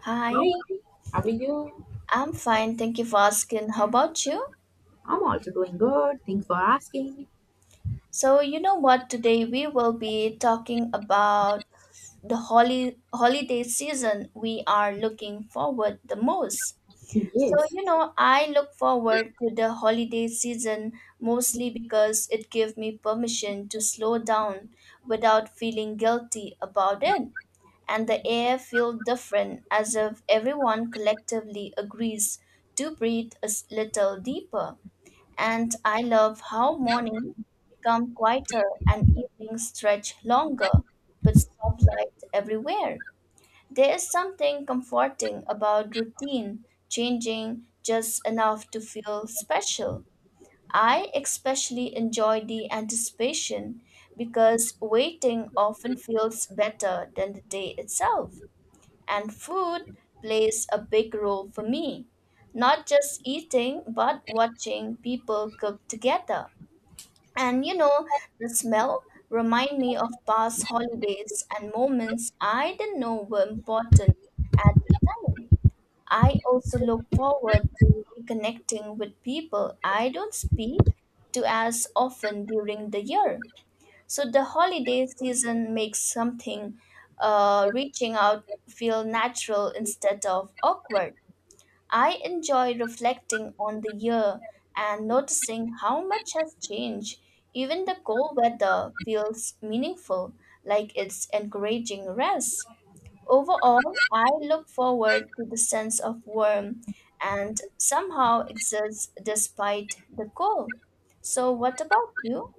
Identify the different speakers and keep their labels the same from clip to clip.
Speaker 1: Hi,
Speaker 2: Hi, how are you?
Speaker 1: I'm fine. Thank you for asking. How about you?
Speaker 2: I'm also doing good. Thanks for asking.
Speaker 1: So, you know what? Today we will be talking about the holy holiday season we are looking forward the most. So,
Speaker 2: Yes.
Speaker 1: you know, I look forward to the holiday season mostly because it gives me permission to slow down without feeling guilty about it. And the air feels different as if everyone collectively agrees to breathe a little deeper. And I love how mornings become quieter and evenings stretch longer with soft light everywhere. There is something comforting about routine changing just enough to feel special. I especially enjoy the anticipation because waiting often feels better than the day itself. And food plays a big role for me. Not just eating, but watching people cook together. And you know, the smell remind me of past holidays and moments I didn't know were important at the time. I also look forward to reconnecting with people I don't speak to as often during the year. So the holiday season makes something reaching out feel natural instead of awkward. I enjoy reflecting on the year and noticing how much has changed. Even the cold weather feels meaningful, like it's encouraging rest. Overall, I look forward to the sense of warmth and somehow exists despite the cold. So, what about you?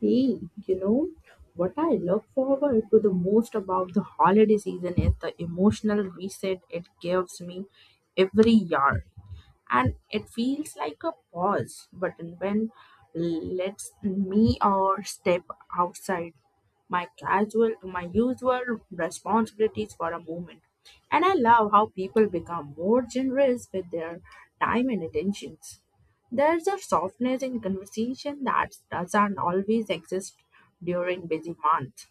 Speaker 2: Hey, you know what I look forward to the most about the holiday season is the emotional reset it gives me every year. And it feels like a pause button when lets me or step outside my casual my usual responsibilities for a moment, and I love how people become more generous with their time and attentions. There's a softness in conversation that doesn't always exist during busy months.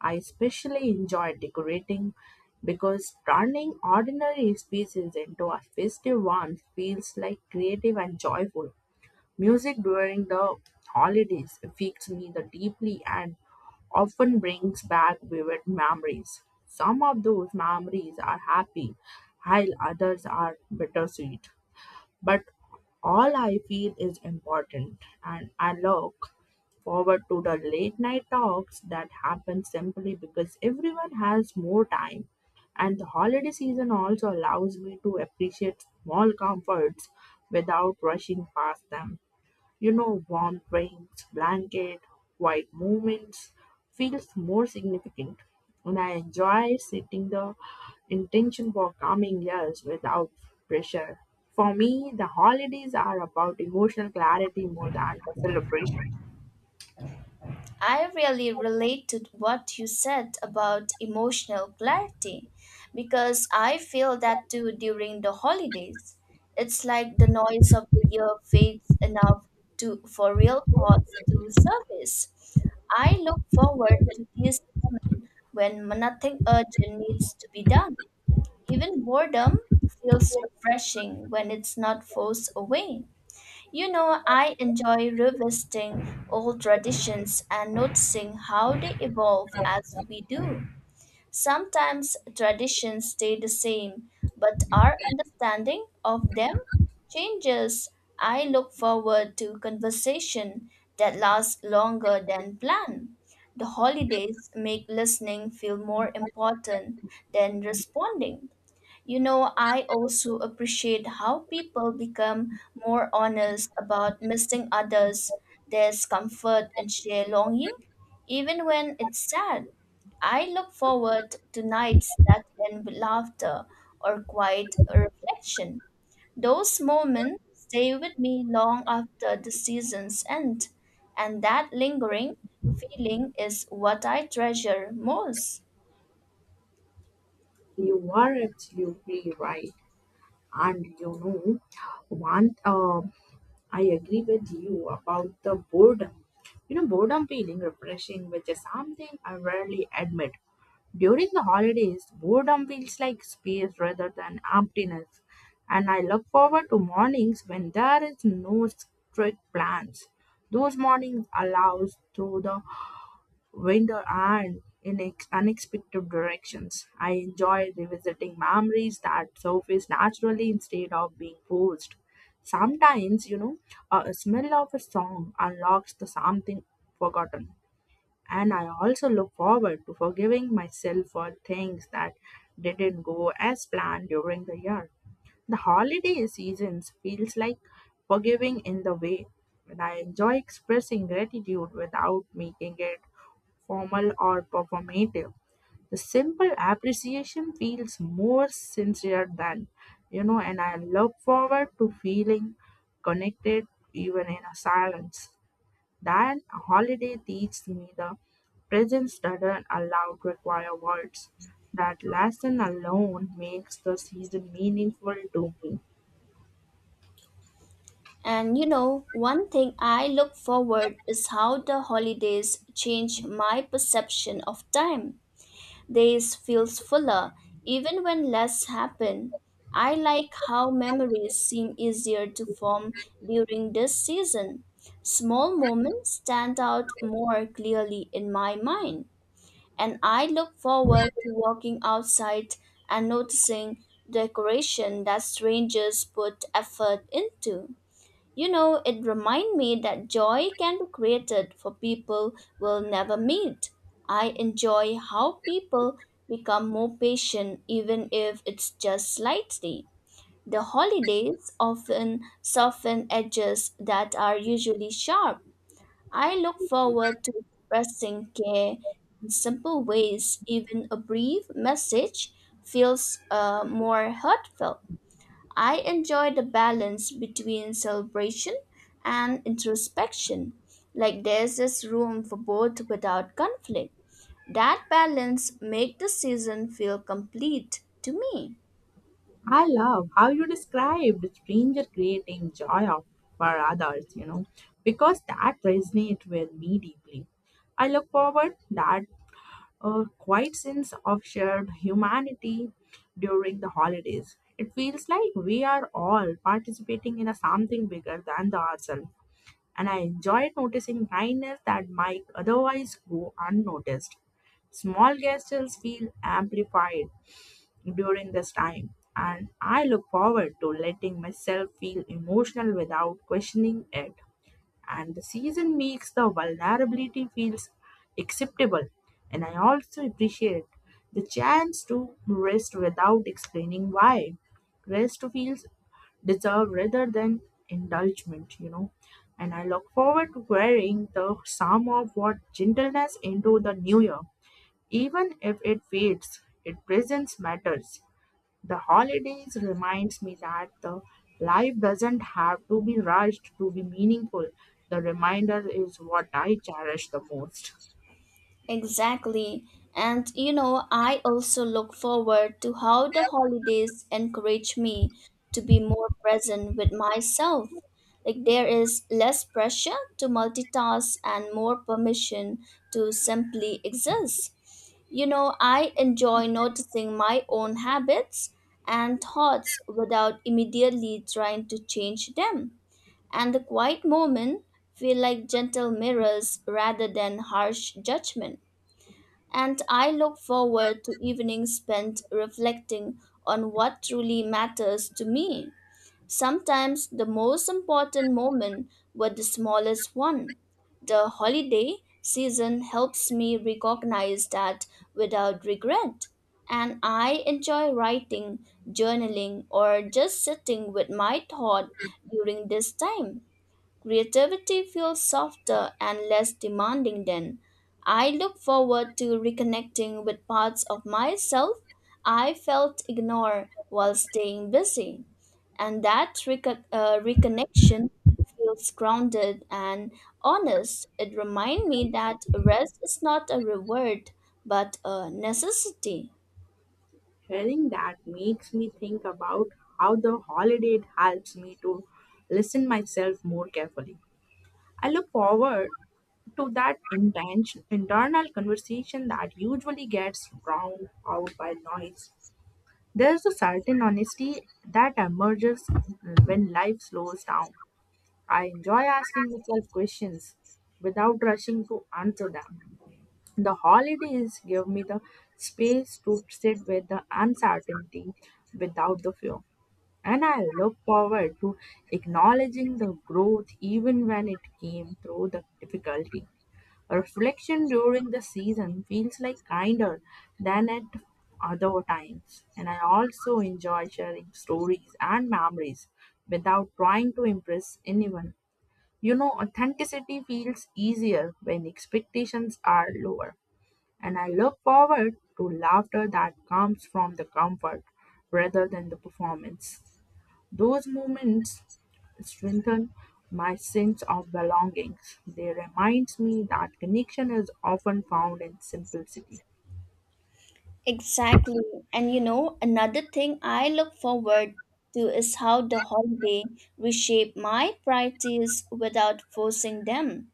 Speaker 2: I especially enjoy decorating because turning ordinary spaces into a festive one feels like creative and joyful. Music during the holidays affects me the deeply and often brings back vivid memories. Some of those memories are happy, while others are bittersweet. But all I feel is important, and I look forward to the late night talks that happen simply because everyone has more time. And the holiday season also allows me to appreciate small comforts without rushing past them. You know, warm drinks, blanket, quiet moments feels more significant. And I enjoy setting the intention for coming years without pressure. For me, the holidays are about emotional clarity more than the celebration.
Speaker 1: I really relate to what you said about emotional clarity because I feel that too during the holidays. It's like the noise of the year fades enough to for real thoughts to surface. I look forward to this when nothing urgent needs to be done. Even boredom feels refreshing when it's not forced away. You know, I enjoy revisiting old traditions and noticing how they evolve as we do. Sometimes traditions stay the same, but our understanding of them changes. I look forward to conversation that lasts longer than planned. The holidays make listening feel more important than responding. You know, I also appreciate how people become more honest about missing others. There's comfort in shared longing, even when it's sad. I look forward to nights that end with laughter or quiet reflection. Those moments stay with me long after the seasons end, and that lingering feeling is what I treasure most.
Speaker 2: You are absolutely right. And you know, one, uh, I agree with you about the boredom. You know, boredom feeling refreshing, which is something I rarely admit. During the holidays, boredom feels like space rather than emptiness, and I look forward to mornings when there is no strict plans. Those mornings allows through the window and in unexpected directions. I enjoy revisiting memories that surface naturally instead of being forced. Sometimes, you know, a smell of a song unlocks the something forgotten, and I also look forward to forgiving myself for things that didn't go as planned during the year. The holiday seasons feels like forgiving in the way when I enjoy expressing gratitude without making it formal or performative. The simple appreciation feels more sincere than, you know, and I look forward to feeling connected even in a silence. That holiday teaches me the presence doesn't allow require words. That lesson alone makes the season meaningful to me.
Speaker 1: And you know, one thing I look forward is how the holidays change my perception of time. Days feels fuller even when less happen. I like how memories seem easier to form during this season. Small moments stand out more clearly in my mind, and I look forward to walking outside and noticing decoration that strangers put effort into. You know, it reminded me that joy can be created for people we'll never meet. I enjoy how people become more patient, even if it's just slightly. The holidays often soften edges that are usually sharp. I look forward to expressing care in simple ways, even a brief message feels more heartfelt. I enjoy the balance between celebration and introspection, like there's this room for both without conflict. That balance make the season feel complete to me.
Speaker 2: I love how you described stranger creating for others, you know, because that resonates with me deeply. I look forward that a quiet sense of shared humanity during the holidays. It feels like we are all participating in a something bigger than the ourselves. And I enjoyed noticing minors that might otherwise go unnoticed. Small gestures feel amplified during this time, and I look forward to letting myself feel emotional without questioning it, and the season makes the vulnerability feels acceptable, and I also appreciate the chance to rest without explaining why rest feels deserved rather than indulgement, you know, and I look forward to wearing the sum of what gentleness into the new year. Even if it fades, it presence matters. The holidays reminds me that the life doesn't have to be rushed to be meaningful. The reminder is what I cherish the most.
Speaker 1: Exactly. And you know, I also look forward to how the holidays encourage me to be more present with myself. Like there is less pressure to multitask and more permission to simply exist. You know, I enjoy noticing my own habits and thoughts without immediately trying to change them. And the quiet moment feel like gentle mirrors rather than harsh judgment. And I look forward to evenings spent reflecting on what truly matters to me. Sometimes the most important moments were the smallest one. The holiday season helps me recognize that without regret. And I enjoy writing, journaling, or just sitting with my thought during this time. Creativity feels softer and less demanding then. I look forward to reconnecting with parts of myself I felt ignored while staying busy. And that reconnection feels grounded and honest. It reminds me that rest is not a reward but a necessity.
Speaker 2: Hearing that makes me think about how the holiday helps me to listen myself more carefully. I look forward to that intention, internal conversation that usually gets drowned out by noise. There's a certain honesty that emerges when life slows down. I enjoy asking myself questions without rushing to answer them. The holidays give me the space to sit with the uncertainty without the fear. And I look forward to acknowledging the growth even when it came through the difficulty. Reflection during the season feels like kinder than at other times. And I also enjoy sharing stories and memories without trying to impress anyone. You know, authenticity feels easier when expectations are lower, and I look forward to laughter that comes from the comfort rather than the performance. Those moments strengthen my sense of belonging. They remind me that connection is often found in simplicity.
Speaker 1: Exactly. And you know, another thing I look forward to is how the holiday reshape my priorities without forcing them.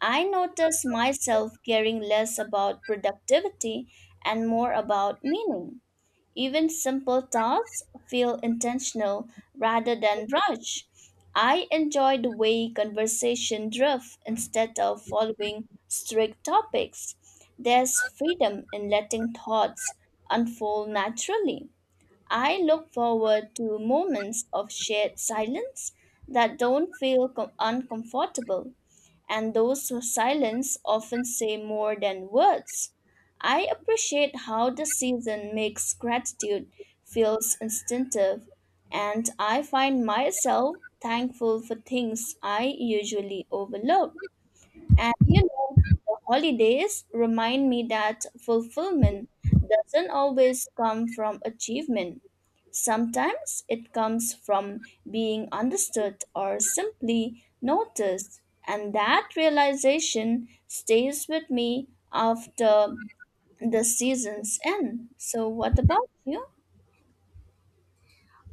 Speaker 1: I notice myself caring less about productivity and more about meaning. Even simple tasks feel intentional rather than rushed. I enjoy the way conversation drifts instead of following strict topics. There's freedom in letting thoughts unfold naturally. I look forward to moments of shared silence that don't uncomfortable, and those silence often say more than words. I appreciate how the season makes gratitude feels instinctive, and I find myself thankful for things I usually overlook. And you know, the holidays remind me that fulfillment doesn't always come from achievement. Sometimes it comes from being understood or simply noticed. And that realization stays with me after the season's end. So, what about you?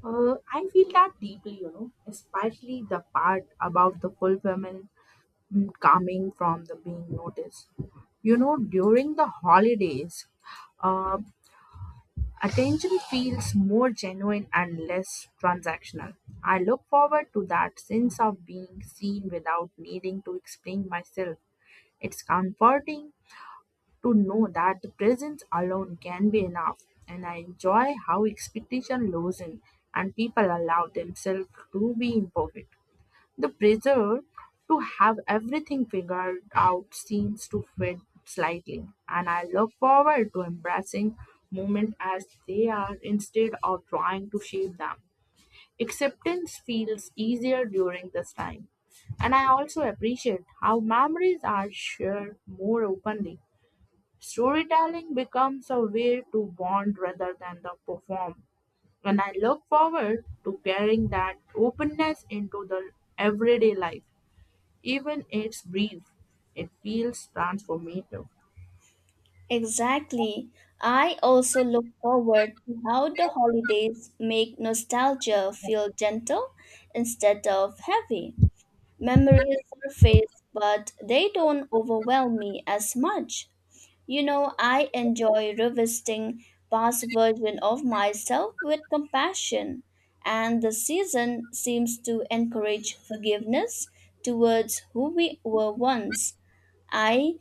Speaker 2: I feel that deeply, you know, especially the part about the fulfillment, coming from the being noticed. You know, during the holidays, uh, attention feels more genuine and less transactional. I look forward to that sense of being seen without needing to explain myself. It's comforting to know that the presence alone can be enough, and I enjoy how expectation loosens and people allow themselves to be imperfect. The pressure to have everything figured out seems to fade slightly, and I look forward to embracing moments as they are instead of trying to shape them. Acceptance feels easier during this time, and I also appreciate how memories are shared more openly. Storytelling becomes a way to bond rather than the perform, and I look forward to carrying that openness into the everyday life. Even it's brief, it feels transformative.
Speaker 1: Exactly. I also look forward to how the holidays make nostalgia feel gentle instead of heavy. Memories surface, but they don't overwhelm me as much. You know, I enjoy revisiting past versions of myself with compassion, and the season seems to encourage forgiveness towards who we were once. I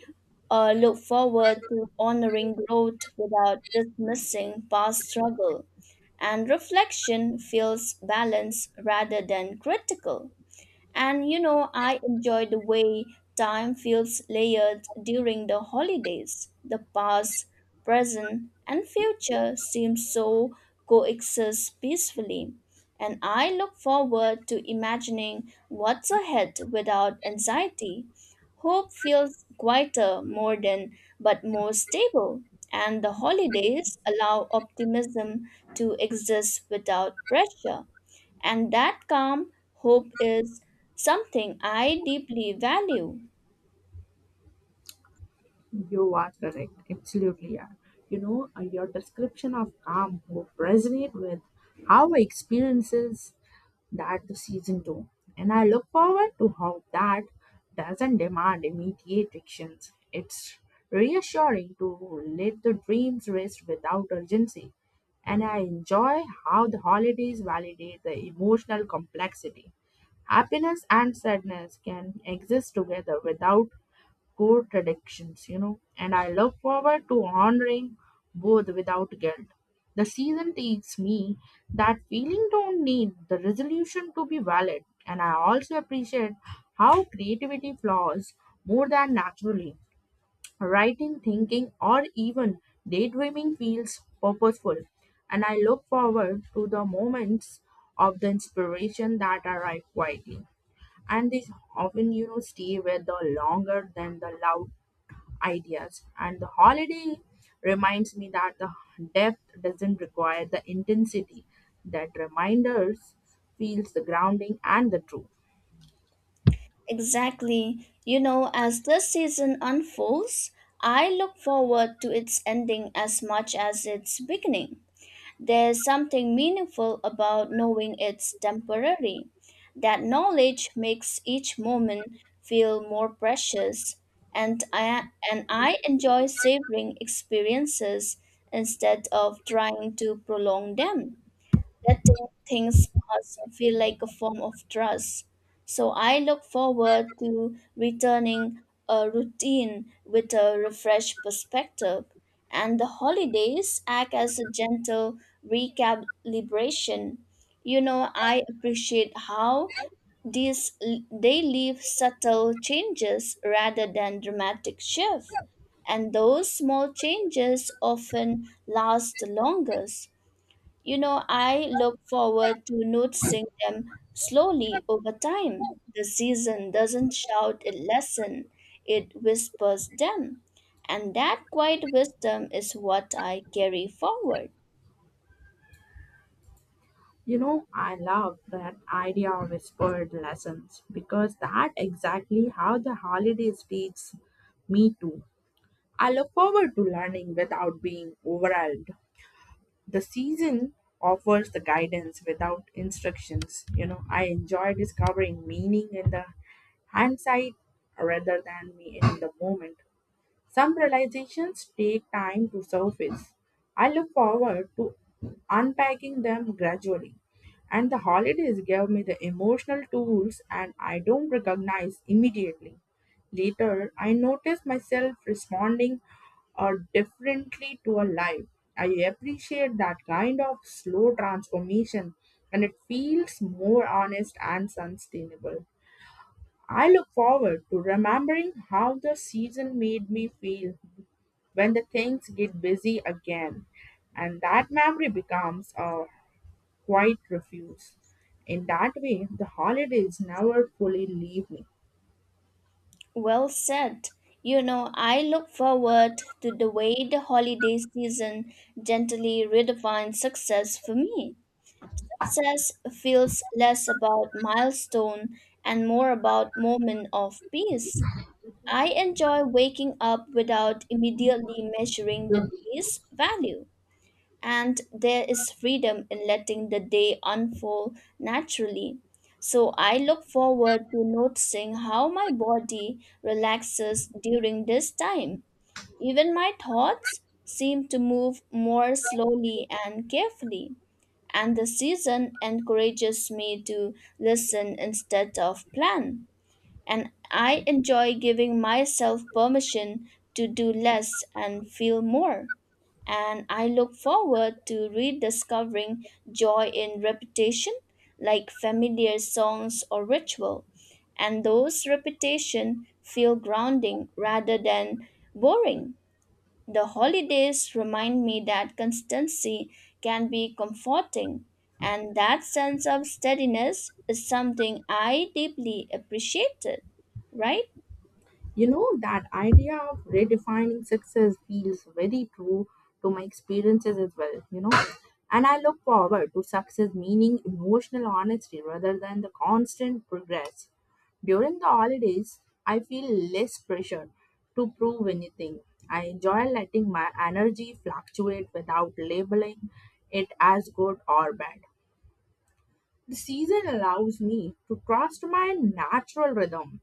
Speaker 1: uh, look forward to honoring growth without dismissing past struggle, and reflection feels balanced rather than critical. And you know, I enjoy the way time feels layered during the holidays. The past, present, and future seem so coexist peacefully. And I look forward to imagining what's ahead without anxiety. Hope feels quieter, more than, but more stable. And the holidays allow optimism to exist without pressure. And that calm hope is something I deeply value.
Speaker 2: You are correct, absolutely are. You know, your description of calm will resonate with how I experiences that the season 2. And I look forward to how that doesn't demand immediate actions. It's reassuring to let the dreams rest without urgency, and I enjoy how the holidays validate the emotional complexity. Happiness and sadness can exist together without core traditions, you know, and I look forward to honoring both without guilt. The season takes me that feeling don't need the resolution to be valid, and I also appreciate how creativity flows more than naturally. Writing, thinking, or even daydreaming feels purposeful, and I look forward to the moments of the inspiration that arrive quietly. And these often, you know, stay with the longer than the loud ideas. And the holiday reminds me that the depth doesn't require the intensity, that reminders feels the grounding and the truth.
Speaker 1: Exactly. You know, as this season unfolds, I look forward to its ending as much as its beginning. There's something meaningful about knowing it's temporary. That knowledge makes each moment feel more precious, and I enjoy savoring experiences instead of trying to prolong them. Letting things pass feel like a form of trust. So I look forward to returning a routine with a refreshed perspective. And the holidays act as a gentle recalibration. You know, I appreciate how these they leave subtle changes rather than dramatic shift, and those small changes often last the longest. You know, I look forward to noticing them slowly over time. The season doesn't shout a lesson, it whispers them. And that quiet wisdom is what I carry forward.
Speaker 2: You know, I love that idea of whispered lessons because that exactly how the holidays teach me too. I look forward to learning without being overwhelmed. The season offers the guidance without instructions. You know, I enjoy discovering meaning in the hindsight rather than me in the moment. Some realizations take time to surface. I look forward to unpacking them gradually. And the holidays gave me the emotional tools and I don't recognize immediately. Later, I notice myself responding, differently to a life. I appreciate that kind of slow transformation, and it feels more honest and sustainable. I look forward to remembering how the season made me feel when the things get busy again, and that memory becomes a quiet refuge. In that way the holidays never fully leave me.
Speaker 1: Well said. You know, I look forward to the way the holiday season gently redefines success for me. Success feels less about milestone and more about moment of peace. I enjoy waking up without immediately measuring the day's value, and there is freedom in letting the day unfold naturally. So I look forward to noticing how my body relaxes during this time. Even my thoughts seem to move more slowly and carefully, and the season encourages me to listen instead of plan, and I enjoy giving myself permission to do less and feel more. And I look forward to rediscovering joy in repetition, like familiar songs or ritual. And those repetition feel grounding rather than boring. The holidays remind me that constancy can be comforting, and that sense of steadiness is something I deeply appreciated, right?
Speaker 2: You know, that idea of redefining success feels very true to my experiences as well, you know. And I look forward to success meaning emotional honesty rather than the constant progress. During the holidays, I feel less pressure to prove anything. I enjoy letting my energy fluctuate without labeling it as good or bad. The season allows me to trust my natural rhythm,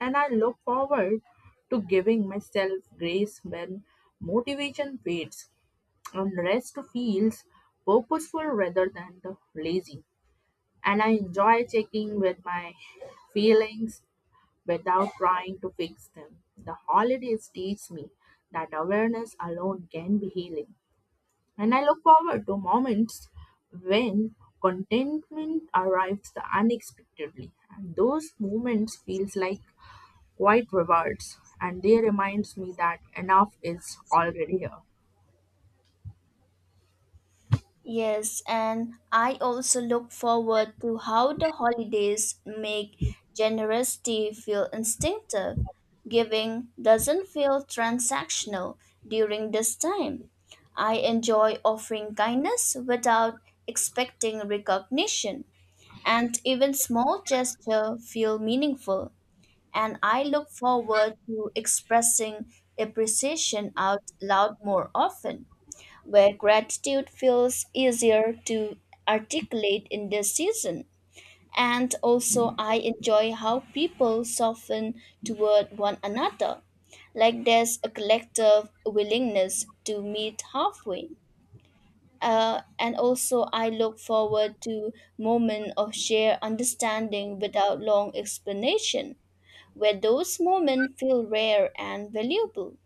Speaker 2: and I look forward to giving myself grace when motivation fades and rest feels purposeful rather than the lazy. And I enjoy checking with my feelings without trying to fix them. The holidays teach me that awareness alone can be healing. And I look forward to moments when contentment arrives unexpectedly. And those moments feels like quite rewards, and they reminds me that enough is already here.
Speaker 1: Yes, and I also look forward to how the holidays make generosity feel instinctive. Giving doesn't feel transactional during this time. I enjoy offering kindness without expecting recognition, and even small gestures feel meaningful. And I look forward to expressing appreciation out loud more often, where gratitude feels easier to articulate in this season. And also, I enjoy how people soften toward one another, like there's a collective willingness to meet halfway, and also I look forward to moments of shared understanding without long explanation, where those moments feel rare and valuable.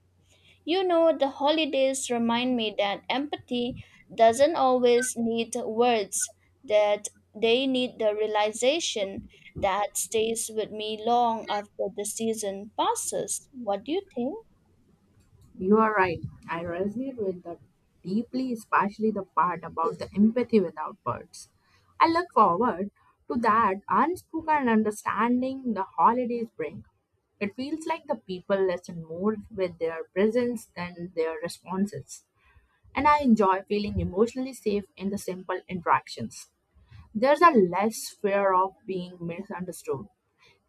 Speaker 1: You know, the holidays remind me that empathy doesn't always need words, that they need the realization that stays with me long after the season passes. What do you think?
Speaker 2: You are right. I resonate with that deeply, especially the part about the empathy without words. I look forward to that unspoken understanding the holidays bring. It feels like the people listen more with their presence than their responses. And I enjoy feeling emotionally safe in the simple interactions. There's a less fear of being misunderstood,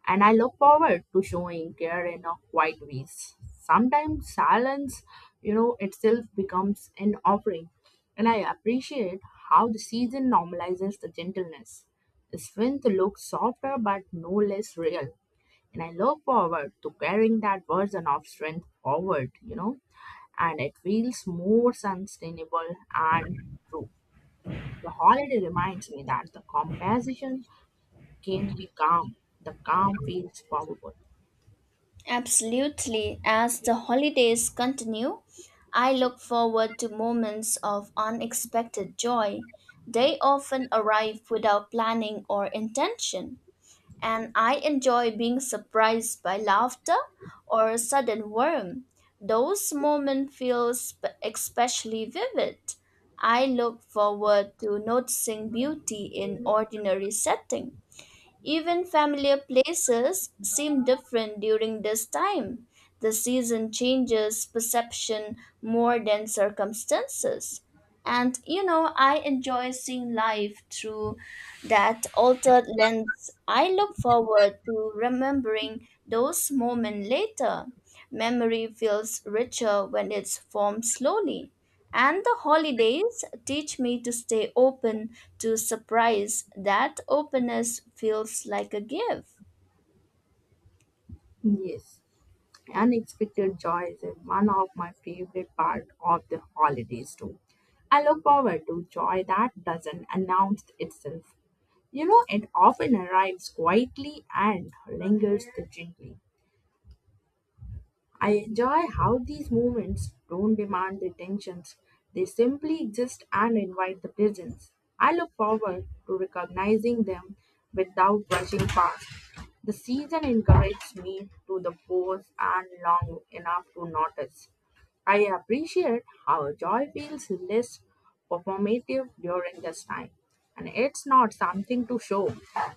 Speaker 2: and I look forward to showing care in a quiet ways. Sometimes silence, you know, itself becomes an offering, and I appreciate how the season normalizes the gentleness. The strength looks softer but no less real, and I look forward to carrying that version of strength forward, you know, and it feels more sustainable and true. The holiday reminds me that the compassion can be calm, the calm feels powerful.
Speaker 1: Absolutely. As the holidays continue, I look forward to moments of unexpected joy. They often arrive without planning or intention, and I enjoy being surprised by laughter or a sudden warmth. Those moments especially vivid. I look forward to noticing beauty in ordinary setting, even familiar places seem different during this time. The season changes perception more than circumstances. And you know, I enjoy seeing life through that altered lens. I look forward to remembering those moments later. Memory feels richer when it's formed slowly. And the holidays teach me to stay open to surprise. That openness feels like a gift.
Speaker 2: Yes, unexpected joy is one of my favorite part of the holidays too. I look forward to joy that doesn't announce itself. You know, it often arrives quietly and lingers gently. I enjoy how these moments don't demand attentions. They simply exist and invite the presence. I look forward to recognizing them without rushing past. The season encourages me to the pause and long enough to notice. I appreciate how joy feels less performative during this time. And it's not something to show,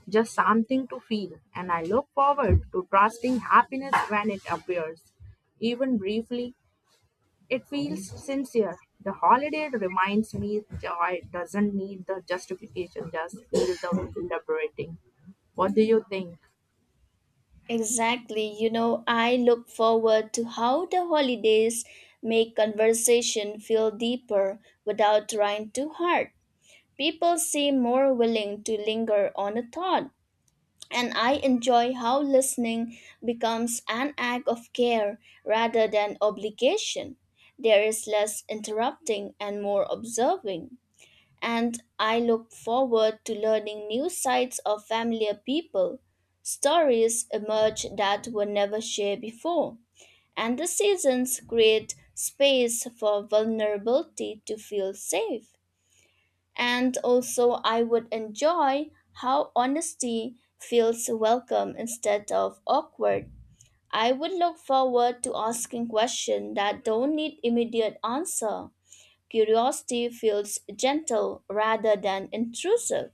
Speaker 2: just something to feel. And I look forward to trusting happiness when it appears. Even briefly, it feels sincere. The holiday reminds me joy doesn't need the justification, just feel the liberating. What do you think?
Speaker 1: Exactly. You know, I look forward to how the holidays make conversation feel deeper without trying too hard. People seem more willing to linger on a thought, and I enjoy how listening becomes an act of care rather than obligation. There is less interrupting and more observing. And I look forward to learning new sides of familiar people. Stories emerge that were never shared before, and the seasons create space for vulnerability to feel safe. And also, I would enjoy how honesty feels welcome instead of awkward. I would look forward to asking questions that don't need immediate answer. Curiosity feels gentle rather than intrusive.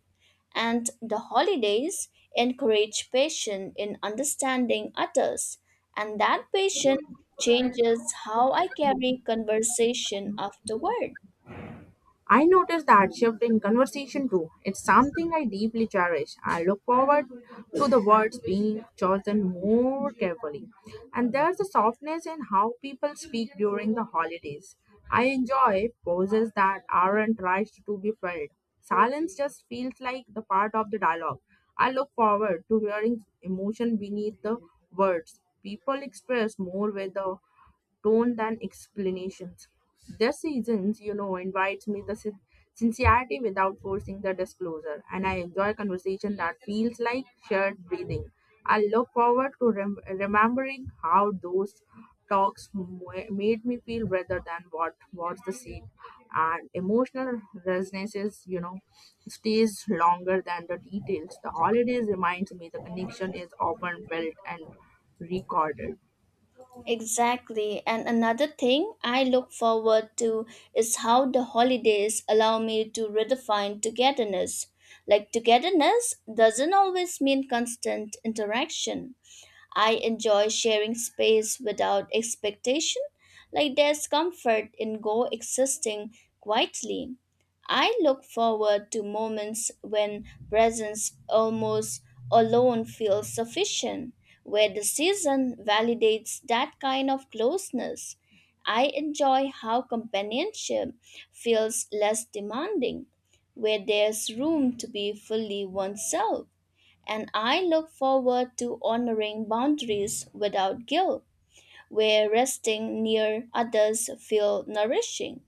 Speaker 1: And the holidays encourage patience in understanding others. And that patience changes how I carry conversation afterward.
Speaker 2: I noticed that shift in conversation too. It's something I deeply cherish. I look forward to the words being chosen more carefully. And there's a softness in how people speak during the holidays. I enjoy pauses that aren't rushed to be filled. Silence just feels like the part of the dialogue. I look forward to hearing emotion beneath the words. People express more with the tone than explanations. Their seasons, you know, invites me the sincerity without forcing the disclosure, and I enjoy conversation that feels like shared breathing. I look forward to remembering how those talks made me feel rather than what was the scene, and emotional resonances, you know, stays longer than the details. The holidays reminds me the connection is often felt and recorded.
Speaker 1: Exactly. And another thing I look forward to is how the holidays allow me to redefine togetherness. Like, togetherness doesn't always mean constant interaction. I enjoy sharing space without expectation, like there's comfort in coexisting quietly. I look forward to moments when presence almost alone feels sufficient, where the season validates that kind of closeness. I enjoy how companionship feels less demanding, where there's room to be fully oneself, and I look forward to honoring boundaries without guilt, where resting near others feel nourishing.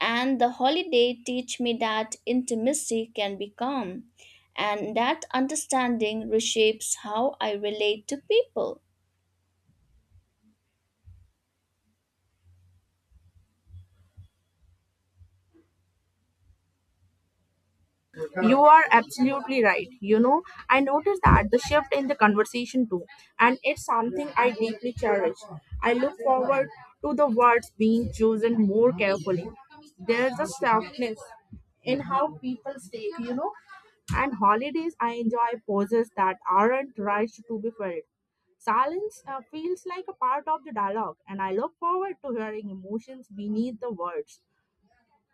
Speaker 1: And the holiday teach me that intimacy can be calm, and that understanding reshapes how I relate to people.
Speaker 2: You are absolutely right. You know, I noticed that the shift in the conversation too, and it's something I deeply cherish. I look forward to the words being chosen more carefully. There's a softness in how people speak, you know, and holidays I enjoy pauses that aren't rushed to be filled. Silence, feels like a part of the dialogue, and I look forward to hearing emotions beneath the words.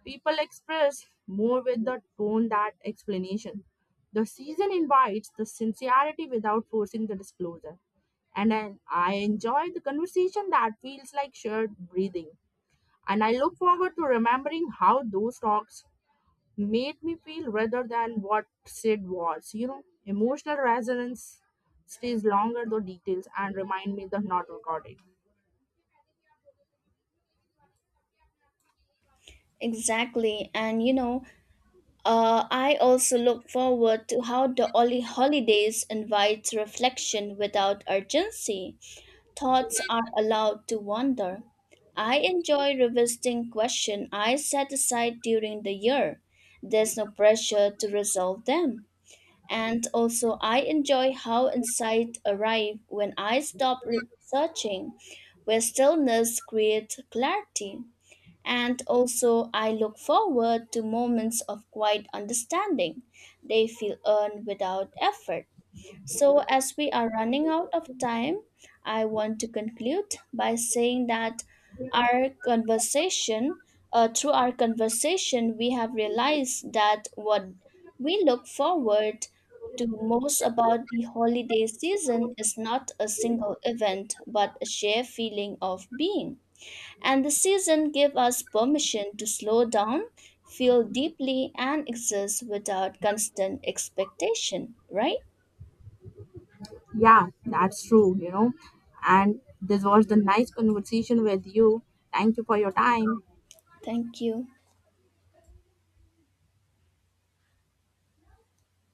Speaker 2: People express more with the tone that explanation. The season invites the sincerity without forcing the disclosure. And I enjoy the conversation that feels like shared breathing. And I look forward to remembering how those talks made me feel rather than what Sid was. You know, emotional resonance stays longer, though details, and remind me the not recorded.
Speaker 1: Exactly, and you know, I also look forward to how the holidays invites reflection without urgency. Thoughts are allowed to wander. I enjoy revisiting questions I set aside during the year. There's no pressure to resolve them. And also, I enjoy how insight arrive when I stop researching, where stillness creates clarity. And also, I look forward to moments of quiet understanding. They feel earned without effort. So, as we are running out of time, I want to conclude by saying that our conversation, through our conversation, we have realized that what we look forward to most about the holiday season is not a single event, but a shared feeling of being. And the season gives us permission to slow down, feel deeply, and exist without constant expectation, right?
Speaker 2: Yeah, that's true, you know. And this was the nice conversation with you. Thank you for your time.
Speaker 1: Thank you.